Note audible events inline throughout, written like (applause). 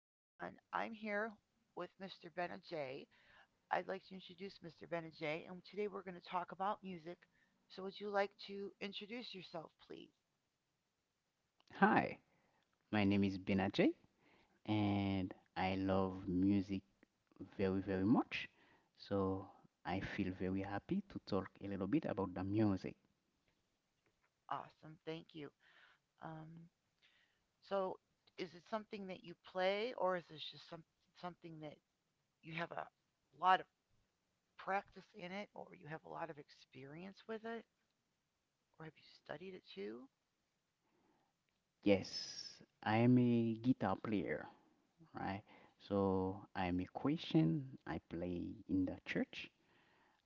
I'm here with Mr. Benajay. I'd like to introduce Mr. Benajay, and today we're going to talk about music. So, would you like to introduce yourself, please? Hi, my name is Benajay and I love music very, very much. So I feel very happy to talk a little bit about the music. Awesome, thank you. Um, so, is it something that you play, or is this just something that you have a lot of practice in it, or you have a lot of experience with it, or have you studied it too? Yes, I am a guitar player, right? So I am a Christian. I play in the church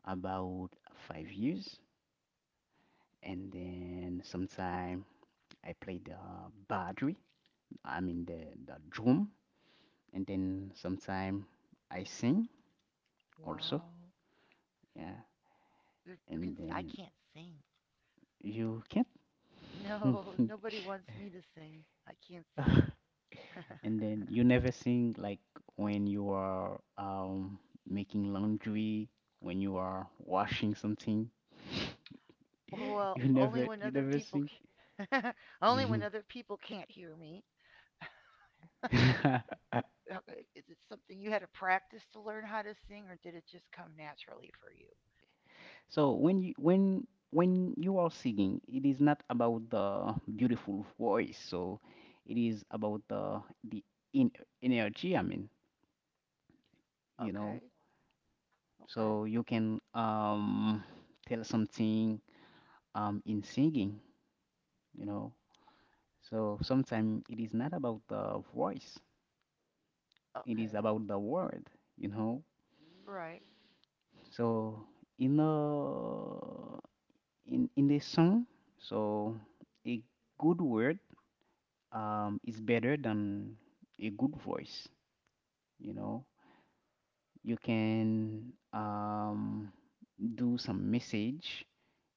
about 5 years, and then sometime I play the badri, I mean the drum, and then sometime I sing also. Wow, Yeah, you can. and I then can't sing. you can't. (laughs) No, (laughs) nobody wants me to sing. I can't sing. And then you never sing, like, when you are making laundry, when you are washing something? Oh, (laughs) well, you only never when you other never people sing? ca- (laughs) only when other people can't hear me. (laughs) Is it something you had to practice to learn how to sing or did it just come naturally for you? So when you are singing, it is not about the beautiful voice, so it is about the in, energy, I mean, you know Okay. Okay. so you can tell something, in singing, you know. So sometimes it is not about the voice, it is Okay. about the word, you know. Right. So in a in this song, so a good word is better than a good voice, you know. You can do some message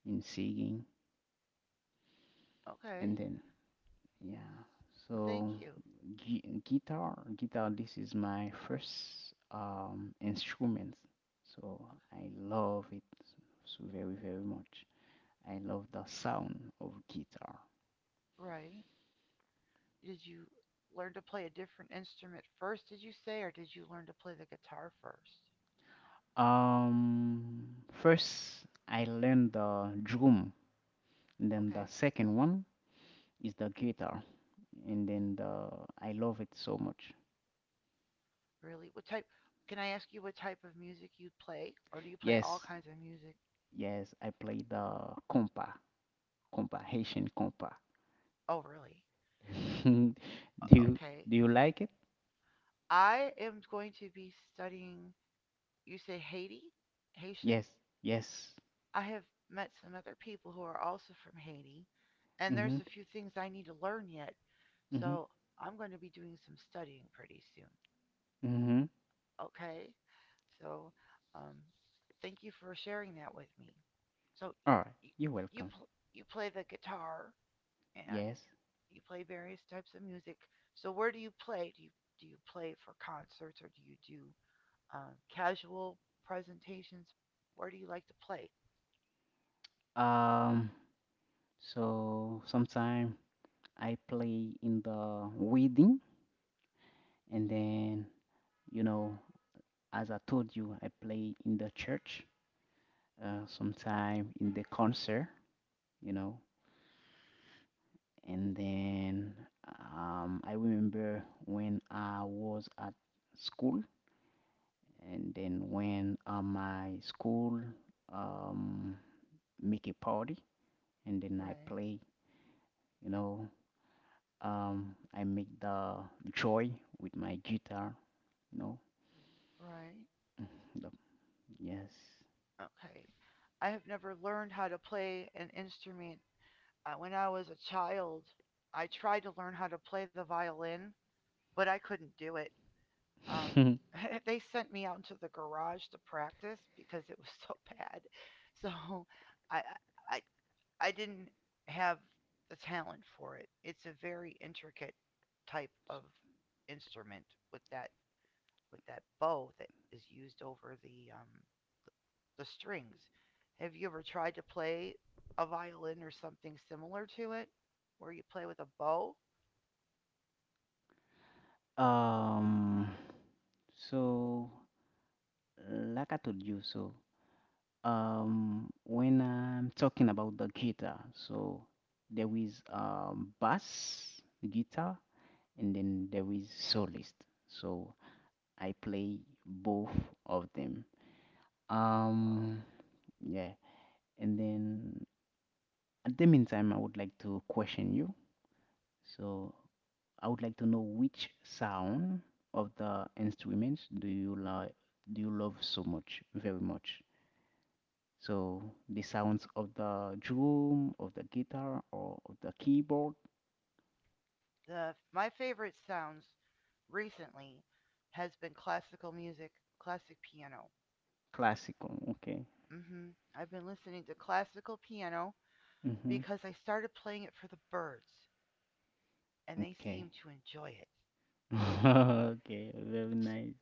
in singing, Okay. and then yeah. So Thank you. Guitar. This is my first instrument. So I love it so very, very much. I love the sound of guitar. Okay. Right. Did you learn to play a different instrument first, did you say, or did you learn to play the guitar first? Um, first I learned the drum, and then the Okay. second one is the guitar, and then the I love it so much. Really? What type? Can I ask you what type of music you play, or do you play all Yes, kinds of music? yes, I play the Haitian compa. Oh, really? (laughs) do you Okay. do you like it? I am going to be studying. You say Haiti, Haitian. Yes, yes. I have met some other people who are also from Haiti, and there's Mhm, a few things I need to learn yet. mhm, So I'm going to be doing some studying pretty soon. mhm. Okay. So, um, thank you for sharing that with me. So, All right, you you're you, welcome. pl- you play the guitar and Yes. you play various types of music. So where do you play? Do you play for concerts or do you do casual presentations? Where do you like to play? Um. So sometime I play in the wedding, and then, you know, as I told you, I play in the church. Sometime in the concert, you know, and then I remember when I was at school, and then when my school um, make a party, and then I Right, play. You know, I make the joy with my guitar. You know, right. (laughs) the, yes. Okay, I have never learned how to play an instrument. When I was a child, I tried to learn how to play the violin, but I couldn't do it. Um, (laughs) (laughs) they sent me out into the garage to practice because it was so (laughs) bad. So I I I didn't have the talent for it. It's a very intricate type of instrument with that bow that is used over the strings. Have you ever tried to play a violin or something similar to it, where you play with a bow? um, so, like I told you, so, when I'm talking about the guitar, so there is bass guitar, and then there is solist. So I play both of them. Uh-oh. Um, yeah. And then at the meantime, I would like to question you. So I would like to know which sound of the instruments do you like, do you love so much, very much? So the sounds of the drum, of the guitar, or of the keyboard, The my favorite sounds recently has been classical music, classic piano. classical. Okay. Mhm. I've been listening to classical piano Mm-hmm. because I started playing it for the birds and they Okay. seem to enjoy it. So (laughs) Okay. Very nice.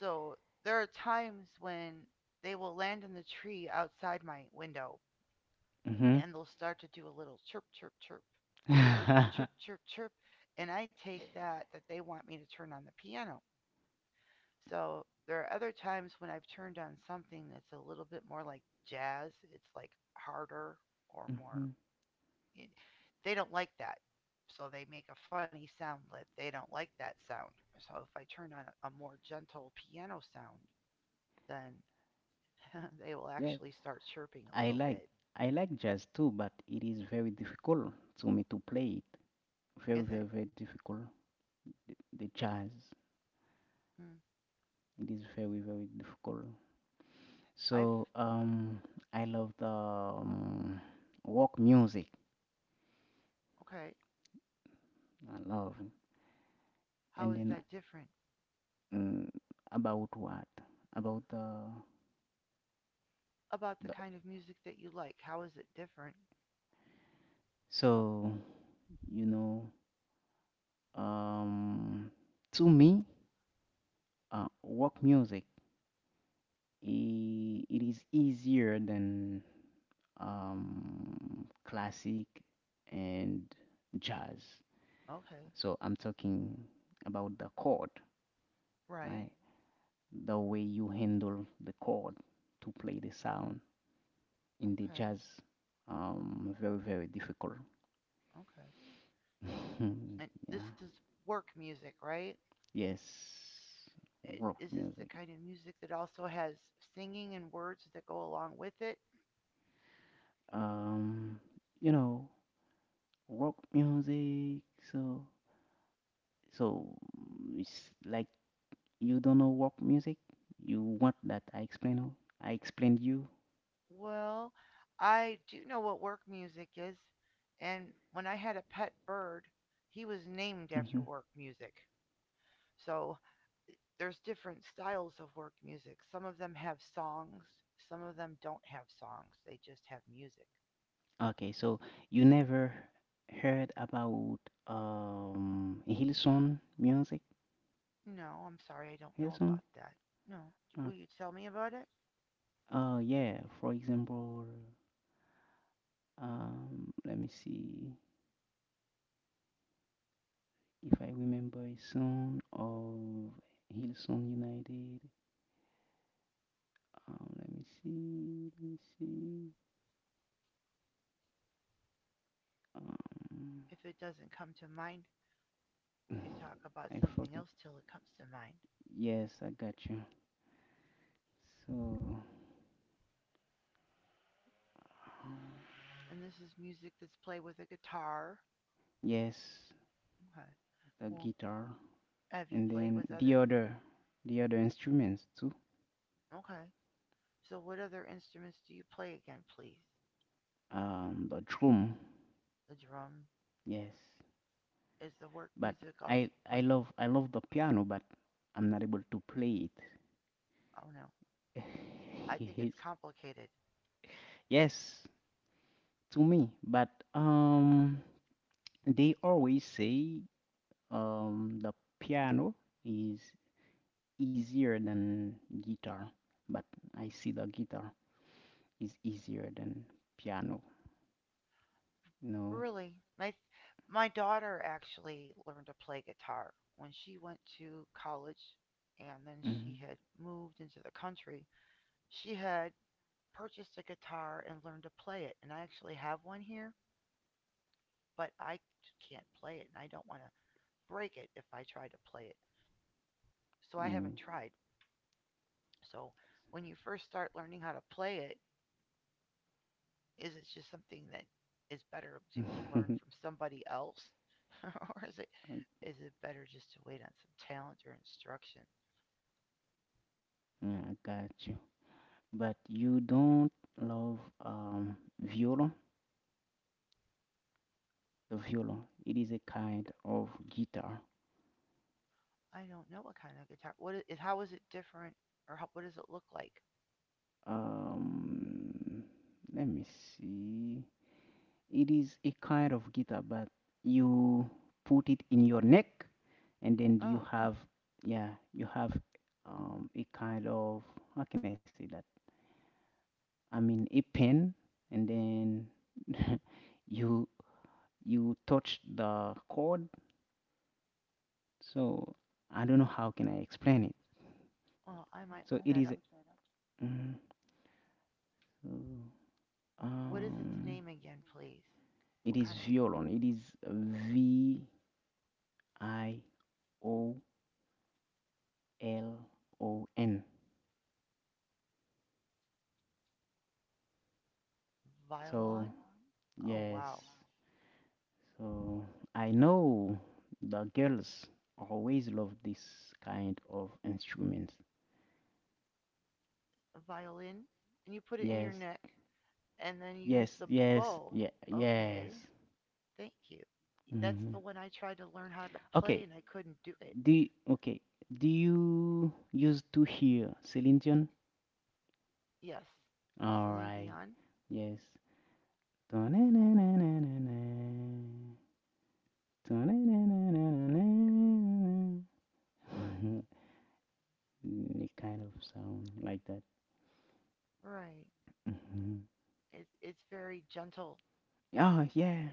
so there are times when they will land in the tree outside my window Mm-hmm. and they'll start to do a little chirp chirp chirp (laughs) chirp chirp chirp and I take that that they want me to turn on the piano. So there are other times when I've turned on something that's a little bit more like jazz. It's like harder or Mm-hmm. more they don't like that. So they make a funny sound lid. They don't like that sound. So if I turn on a more gentle piano sound, then (laughs) they will Yes. actually start chirping a I little like bit. I like jazz too, but it is very difficult to me to play it. Very, Is it? very, very difficult. The jazz. Mm, It is very, very difficult. I've. So I love the rock music. Okay. I love. How And is then, that different? mm, about what? About the About the the. kind of music that you like. How is it different? So, you know, um, to me, rock music. It is easier than classic and jazz. Okay. So I'm talking about the chord, Right. right? The way you handle the chord to play the sound in the Okay. jazz, very very difficult. Okay. And (laughs) Yeah. this is work music, right? Yes. Rock Is this the music. kind of music that also has singing and words that go along with it? Um, you know, rock music. So so, it's like, you don't know walk music? You want that I explain? I explained you. Well, I do know what work music is, and when I had a pet bird, he was named after Hmm. work music. So there's different styles of work music. Some of them have songs, some of them don't have songs. They just have music. Okay, so you never heard about Hillsong music? No, I'm sorry, I don't know Hillsong? about that. No, Uh, will you tell me about it? Yeah. For example, let me see if I remember a song of Hillsong United. Let me see. Let me see. Um, If it doesn't come to mind, (sighs) we can talk (laughs) about I something forget. else till it comes to mind. Yes, I got you. So. And this is music that's played with a guitar. Yes, Okay. the Well, guitar, have you and played then with other. The other instruments too. Okay. So what other instruments do you play again, please? The drum. The drum. Yes, Is the work but music also I play? I love I love the piano, but I'm not able to play it. Oh no. I (laughs) think it's Yes, complicated. yes, to me. But um, they always say the piano is easier than guitar, but I see the guitar is easier than piano. No. Really? My daughter actually learned to play guitar when she went to college and then she had moved into the country. She had purchased a guitar and learned to play it and I actually have one here, but I can't play it and I don't want to break it if I try to play it. So I Mm. haven't tried. So when you first start learning how to play it, is it just something that is better to be learned from (laughs) somebody else, (laughs) or is it better just to wait on some talent or instruction? Yeah, I got you. But you don't love viola, the viola. It is a kind of guitar. I don't know what kind of guitar. What is how is it different, or what does it look like? Um, let me see. It is a kind of guitar, but you put it in your neck, and then Oh, you have a kind of, how can I say that? I mean, a pen, and then (laughs) you you touch the cord. So I don't know how can I explain it. well, I might look So it that is, up. mm, so, What is its um name again, please? it What is kind of violon. It is Violon. So violin? Oh yes. wow, So I know the girls always love this kind of instruments. a violin. And you put it in your Yes. neck, and then you use Yes. the Yes. bow. Yeah. Okay, Yes. thank you. That's Hmm. the one I tried to learn how to play and Okay. I couldn't do it. Do okay. Do you used to hear Celine Dion? Yes. All Celine right. Dion? Yes. It Right. kind of sound like that. Right. Mhm. It's very gentle. Oh yeah,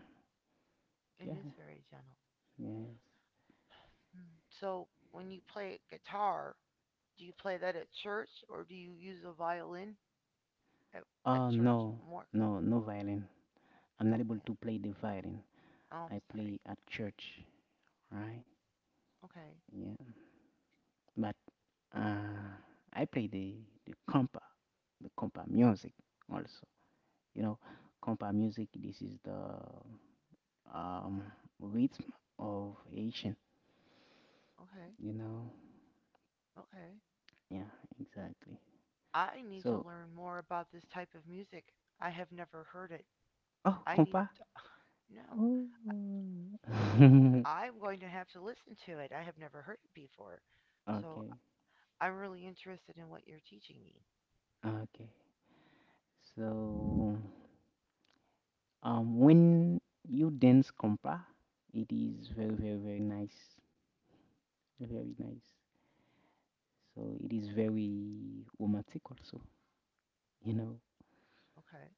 It yeah, is very gentle. yes. Hmm. So when you play guitar, do you play that at church or do you use a violin at, at Oh church no, more? no, no violin. I'm not Oh able man. to play the violin. Oh, I'm I sorry. play at church, right? Okay. Yeah, but uh, I play the compa the compa music also. You know, compa music, this is the, um, rhythm of Haitian, Okay. you know. Okay. Yeah, exactly. I need to So, learn more about this type of music. I have never heard it. oh, I need compa. to. (sighs) (laughs) No. Ooh. (laughs) I'm going to have to listen to it. I have never heard it before. So Okay, I'm really interested in what you're teaching me. okay. So, when you dance compa, it is very, very, very nice. Very nice. So, it is very romantic also, you know. Okay.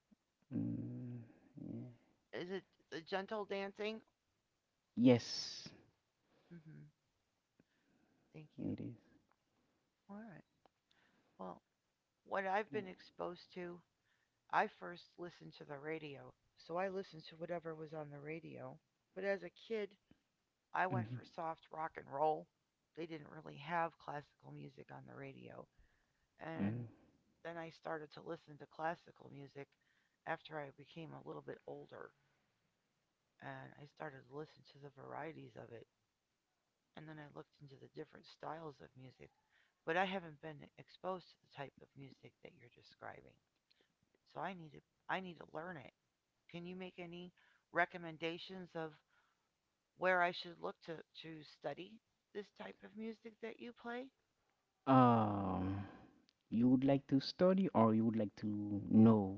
Mm, yeah. Is it the gentle dancing? Yes, Mm-hmm. Thank you. it is. All right. Well, what I've been exposed to, I first listened to the radio. So I listened to whatever was on the radio. But as a kid, I went Mm-hmm. for soft rock and roll. They didn't really have classical music on the radio. Mm-hmm. And then I started to listen to classical music after I became a little bit older. And I started to listen to the varieties of it. And then I looked into the different styles of music. But I haven't been exposed to the type of music that you're describing. So I need to learn it. Can you make any recommendations of where I should look to study this type of music that you play? Um, you would like to study, or you would like to know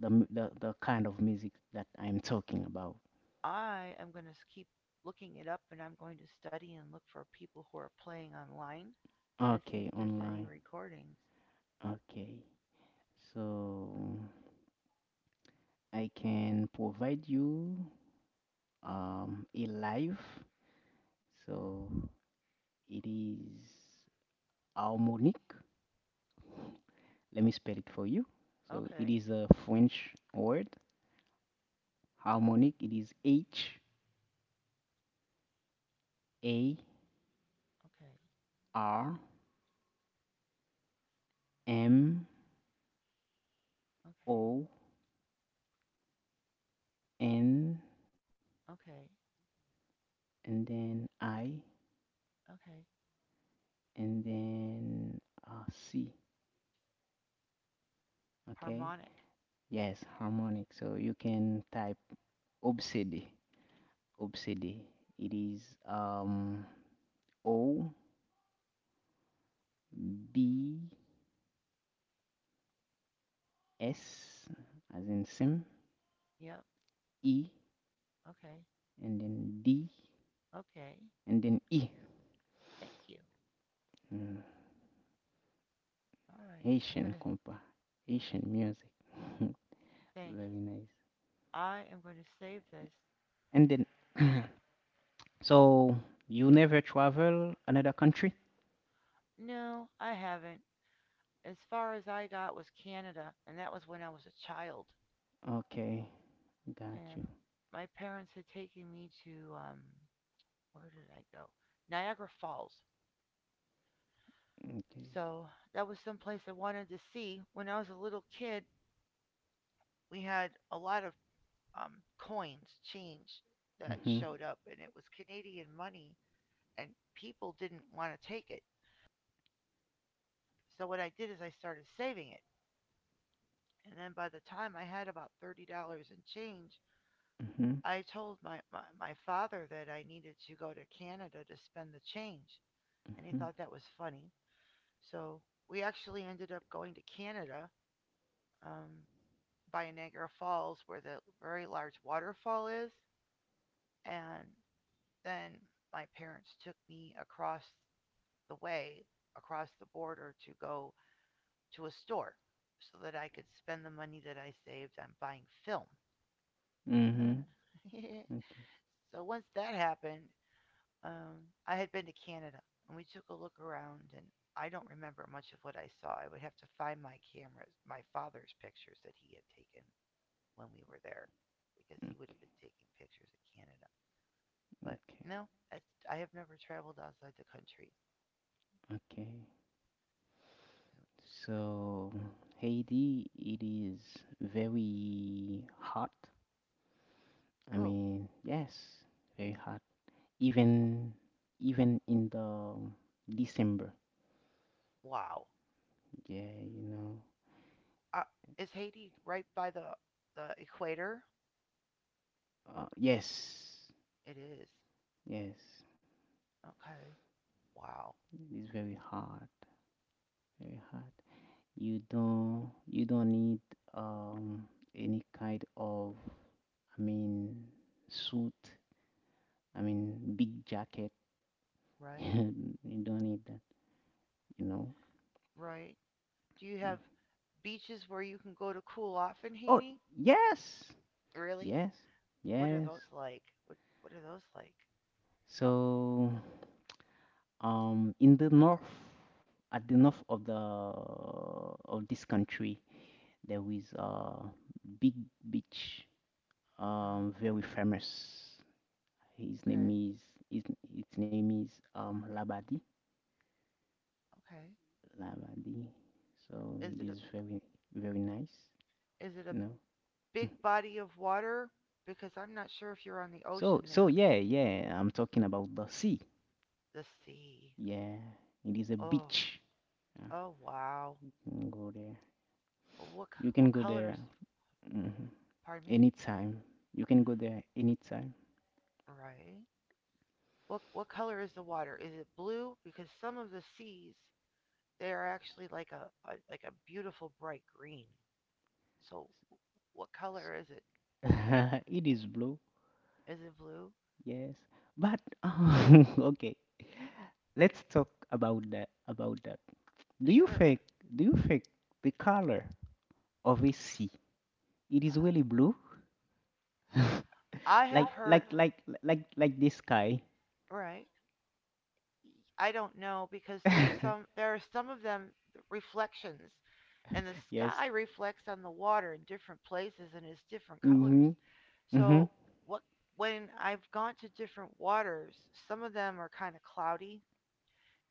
the m- the kind of music that I'm talking about? I am going to keep looking it up and I'm going to study and look for people who are playing online and see if Okay, there's any online. recordings. Okay, so I can provide you a live. So it is harmonic. Let me spell it for you. So it Okay, is a French word. Harmonic. It is H A okay, R M okay, O N, okay, and then I, okay. and then C. Okay. Harmonic. Yes, harmonic. So you can type obsede. Obsede. It is um O B S as in sim, Yep. E, Okay. and then D, Okay. and then E. Thank you. Mm. All right. I'm Haitian gonna compa. Haitian music. (laughs) thank you. Very nice. I am going to save this. And then, (clears throat) so you never travel another country? No, I haven't. As far as I got was Canada, and that was when I was a child. Okay, got And you. my parents had taken me to where did I go? Niagara Falls. Okay. So that was some place I wanted to see. When I was a little kid, we had a lot of coins, change that Mhm. showed up, and it was Canadian money, and people didn't want to take it. So what I did is I started saving it, and then by the time I had about $30 in change, Mhm. I told my father that I needed to go to Canada to spend the change, and he Mhm. thought that was funny. So we actually ended up going to Canada um, by Niagara Falls, where the very large waterfall is, and then my parents took me across the way across the border to go to a store so that I could spend the money that I saved on buying film. Mhm. (laughs) Okay. So once that happened, um, I had been to Canada and we took a look around and I don't remember much of what I saw. I would have to find my cameras, my father's pictures that he had taken when we were there because he Okay. would have been taking pictures of Canada. Okay. But no, I have never traveled outside the country. Okay. So, Haiti, it is very hot. I Oh, mean, yes, very hot. Even even in the December. wow. Yeah. Uh, is Haiti right by the equator? Yes. It is. Yes. Okay. Wow. It is very hot. Very hot. You don't need um any kind of, I mean, suit, I mean big jacket. (laughs) Right. You don't need that you know Right. Do you Mm. have beaches where you can go to cool off in Oh, Haiti? yes, Really? yes, What are yes. those like? What are those like? So in the north at the north of the of this country, there is a big beach, Uh huh. Very famous. His name Okay. is his, its name is, Labadi. Okay. Labadi. So Is it it a is very very nice, Is it a you know. (laughs) big body of water? Because I'm not sure if you're on the So ocean so there. yeah, yeah, I'm talking about the sea. The sea. Yeah, it is a Oh. beach. Yeah, Oh wow. you can go there. What You can What go color there, is? mhm, Pardon me. anytime. You can go there anytime. Right. What color is the water? Is it blue? Because some of the seas they are actually like a beautiful bright green. So what color is it (laughs) there? It is blue, Is it blue? yes. But, (laughs) okay, let's talk about that. do you Sure. think do you think the color of a sea it is Uh-huh. really blue, I (laughs) have like heard like like like this sky? right. I don't know because (laughs) there are some of them reflections and the Yes. sky reflects on the water in different places and is different colors. Hmm. Hmm. So what when I've gone to different waters, some of them are kind of cloudy.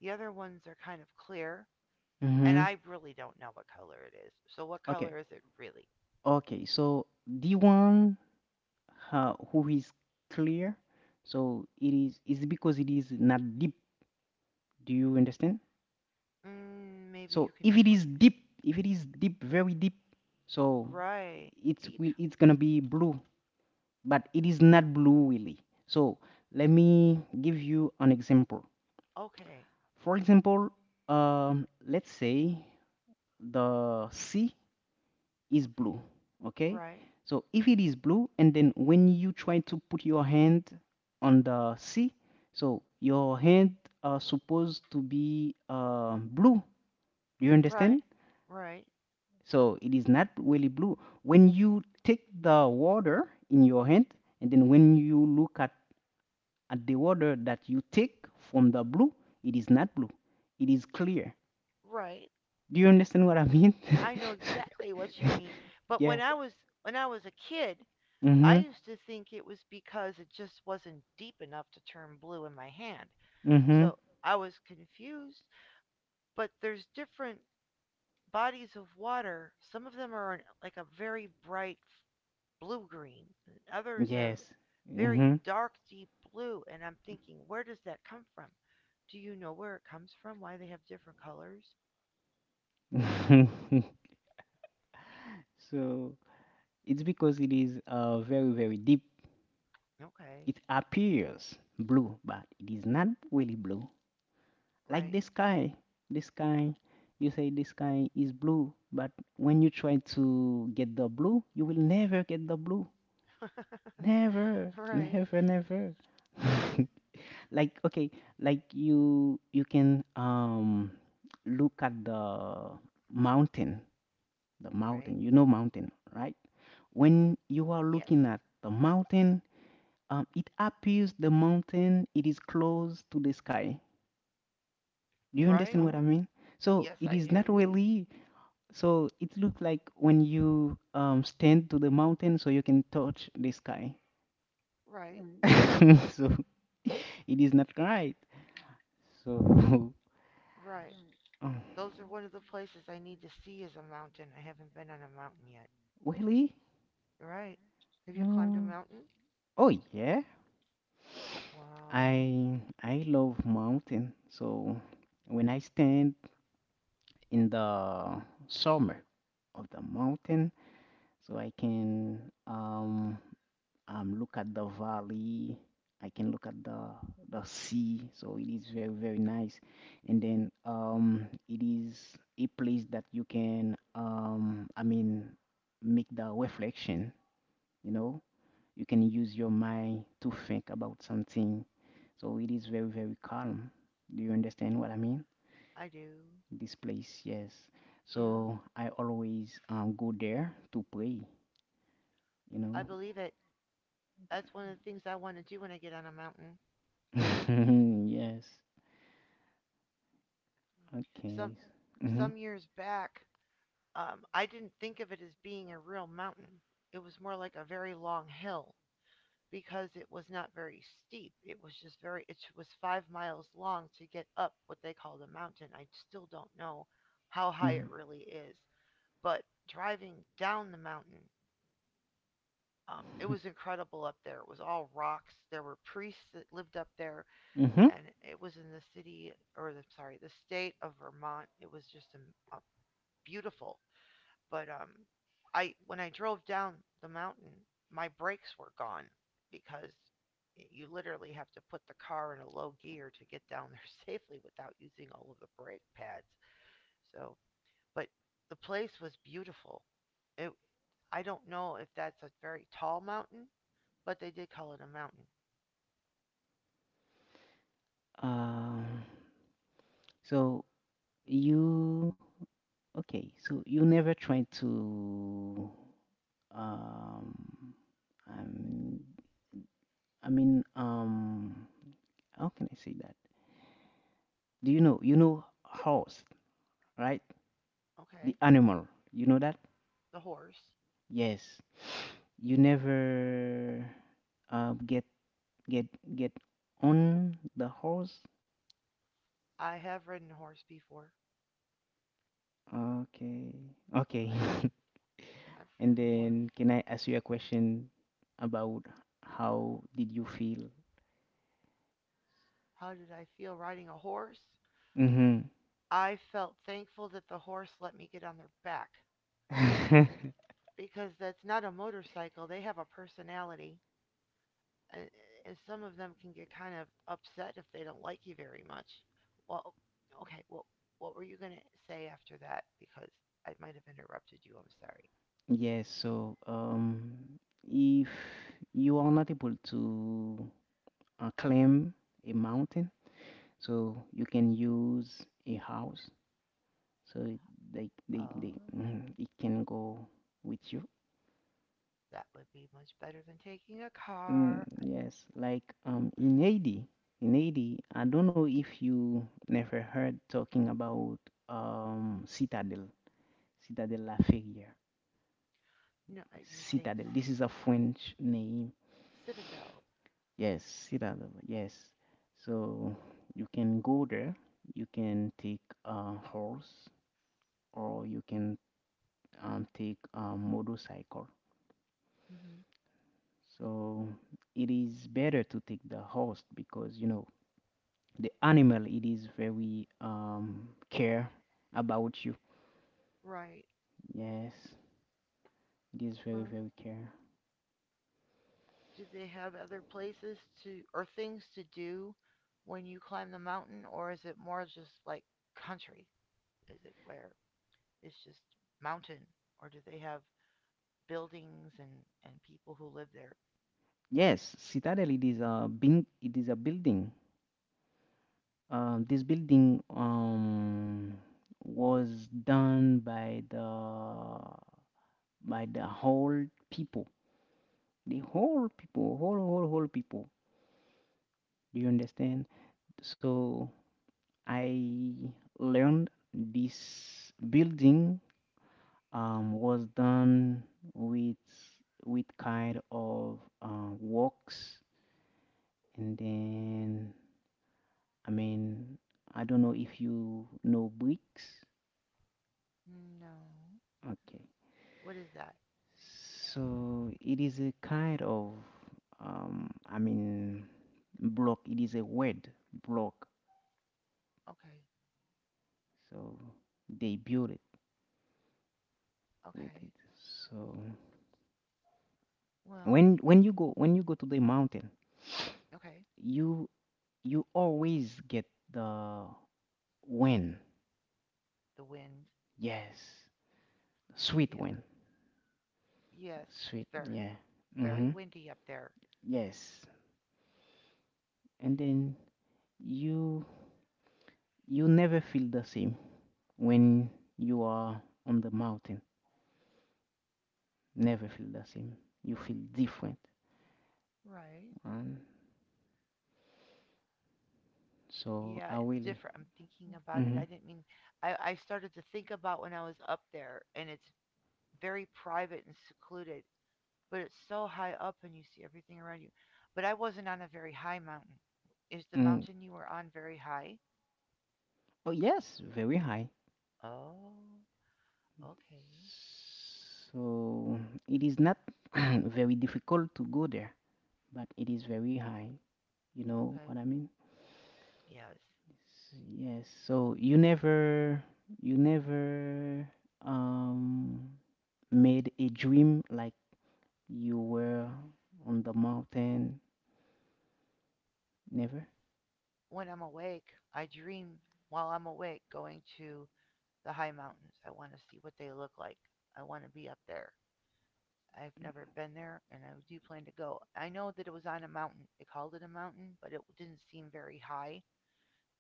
The other ones are kind of clear, and Hmm. I really don't know what color it is. So, what Okay, color is it really? okay. So, the one, who is clear, so it is because it is not deep. Do you understand? Maybe you So can if explain it. It is deep, very deep, so Right. Deep. It's gonna be blue, but it Mm. is not blue really. So let me give you an example. Okay. For example, let's say the sea is Okay. blue, okay? Right. So if it is blue, and then when you try to put your hand on the sea, so your hand are supposed to be, blue. Do you understand? Right. Right. So it is not really blue. When you take the water in your hand, and then when you look at the water that you take from the blue, it is not blue. It is clear. Right. Do you understand what I mean? I know exactly what you mean. (laughs) But Yeah. When I was a kid, I Mhm. used to think it was because it just wasn't deep enough to turn blue in my hand. Mhm. So I was confused, but there's different bodies of water. Some of them are in, like a very bright blue green, and others are Yes. very Mhm. dark, deep blue. And I'm thinking, where does that come from? Do you know where it comes from? Why they have different colors? (laughs) So, it's because it is, very very deep. Okay. It appears blue, but it is not really blue. Like Right. the (laughs) sky. The sky. You say the sky is blue, but when you try to get the blue, you will never get the blue. Never, Right. never, never. (laughs) Right. Like, okay, like you can look at the mountain, the Right. mountain. You know mountain, right? When you are Yes. looking at the mountain, it appears the mountain it is close to the sky. Do you Right. understand what I mean? So Yes, I it is not do. really. So it looks like when you stand to the mountain, so you can touch the sky. Right. (laughs) So it is not right. So, (laughs) Right. uh, Those are one of the places I need to see is a mountain. I haven't been on a mountain yet. really? Right. Have you climbed a Mm, mountain? oh yeah. Wow. I love mountain. So when I stand in the summer of the mountain, so I can um look at the valley. I can look at the sea. So it is very very nice. And then, it is a place that you can, I mean, make the reflection. You know, you can use your mind to think about something. So it is very, very calm. Do you understand what I mean? I do. This place, yes. Yeah. So I always, go there to pray, you I know? believe it. That's one of the things I want to do when I get on a mountain. (laughs) Yes. Some Okay. Mm-hmm. some years back, I didn't think of it as being a real mountain. It was more like a very long hill because it was not very steep. It was just very. It was 5 miles long to get up what they call the mountain. I still don't know how high it really is, but driving down the mountain, it Mm-hmm. was incredible up there. It was all rocks. There were priests that lived up there, Mm-hmm. and it was in the city or the, sorry, the state of Vermont. It was just a beautiful. But I when I drove down the mountain, my brakes were gone because you literally have to put the car in a low gear to get down there (laughs) safely without using all of the brake pads. So, but the place was beautiful. It, I don't know if that's a very tall mountain, but they did call it a mountain. Um, so you, okay, so you never try to, um, um, I mean, how can I say that? Do you know? You know horse, right? The Okay, animal. You know that? the horse. Yes. You never, uh, get get get on the horse. I have ridden a horse before. Okay. Okay. I've (laughs) I've been And on a then horse. can I ask you a question about how did you feel? How did I feel riding a horse? Mm-hmm. I felt thankful that the horse let me get on their back (laughs) because that's not a motorcycle. They have a personality, and, and some of them can get kind of upset if they don't like you very much. Well, okay. Well, what were you going to say after that? Because I might have interrupted you. I'm sorry. Yes, so, if you are not able to, climb a mountain, so you can use a house, so Oh, it can go with you. that would be much better than taking a mm, car. yes like in Haiti, I don't know if you never heard talking about um citadel Citadel La Ferrière. No, you're saying Citadel, cit this is a French name. Citadel. Yes, Citadel, yes. So you can go there, you can take a horse, or you can, take a motorcycle. Hmm. So it is better to take the host because the animal it is very care about you. Right. Yes, it is very Well, very care. do they have other places to or things to do when you climb the mountain, or is it more just like country? Is it where it's just mountain, or do they have buildings and people who live there? Yes, Citadel, it is a bin it is a building. This building was done by the whole people. The whole people, whole whole whole people. Do you understand? So I learned this building, was done with kind of, works, and then, I mean, I don't know if you know bricks. No. Okay, What is that? so it is a kind of, I mean, block. It is a word, block. Okay. So they build it with it. Okay. So Well. when you go to the mountain, Okay. you always get the win. The wind. Yes. Sweet Yeah. win. Yes. Sweet. It's Yeah. very Mhm. windy up there. Yes. And then you you never feel the same when you are on the mountain. Never feel the same. You feel different. Right. And so Yeah, I it's really. different. I'm thinking about it. Mhm. I didn't mean. I started to think about when I was up there and it's very private and secluded, but it's so high up and you see everything around you. But I wasn't on a very high mountain. Is the Mm. mountain you were on very high? Oh yes, very high. Oh, okay. So it is not (clears throat) very difficult to go there, but it is very high. You know Okay. what I mean? Yes. Yes. So you never, you never um made a dream like you were on the mountain. Never. When I'm awake, I dream while I'm awake going to the high mountains. I want to see what they look like. I want to be up there. I've never been there and I do plan to go. I know that it was on a mountain. They called it a mountain, but it didn't seem very high.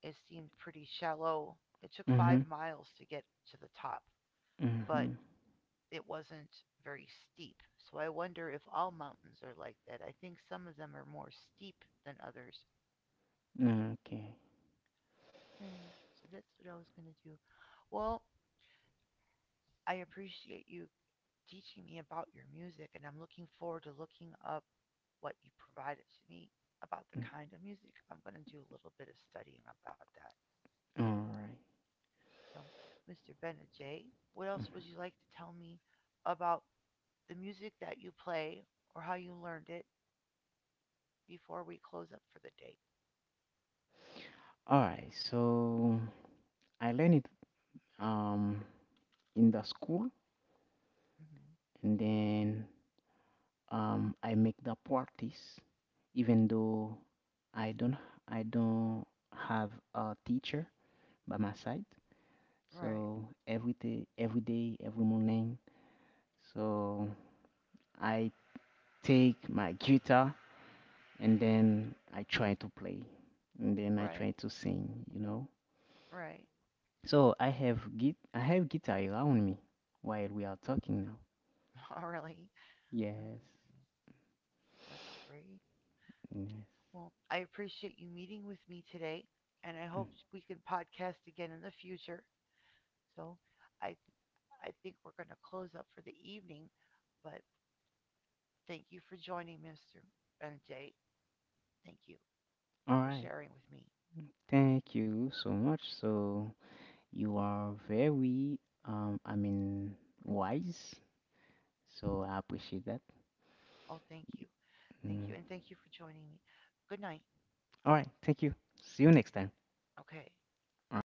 It seemed pretty shallow. It took five Mhm. miles to get to the top, but Mhm. it wasn't very steep. So I wonder if all mountains are like that. I think some of them are more steep than others. Okay. Yeah, so that's what I was going to do. Well, I appreciate you teaching me about your music, and I'm looking forward to looking up what you provided to me about the Mm. kind of music. I'm going to do a little bit of studying about that. All right. So, Mr. Benajay, what Mhm. else would you like to tell me about the music that you play or how you learned it before we close up for the day. All right. So I learned it um in the school, Mm-hmm. and then I make the practice, even though I don't I don't have a teacher by my side. So Right, every day, every day, every morning. So I take my guitar and then I try to play and then I right, try to sing. right. (laughs) So I have, git I have guitar around me while we are talking now. Oh, really? Okay, Yes. that's great. Yes. Well, I appreciate you meeting with me today, and I Mm. hope we can podcast again in the future. So I, th- I think we're going to close up for the evening, but thank you for joining, Mr. and Jay. Thank you All for right. sharing with me. Thank you so much. So you are very, I mean, wise. So I appreciate that. Oh, thank you. Thank Mm. you. And thank you for joining me. Good night. All right. Thank you. See you next time. Okay. All right.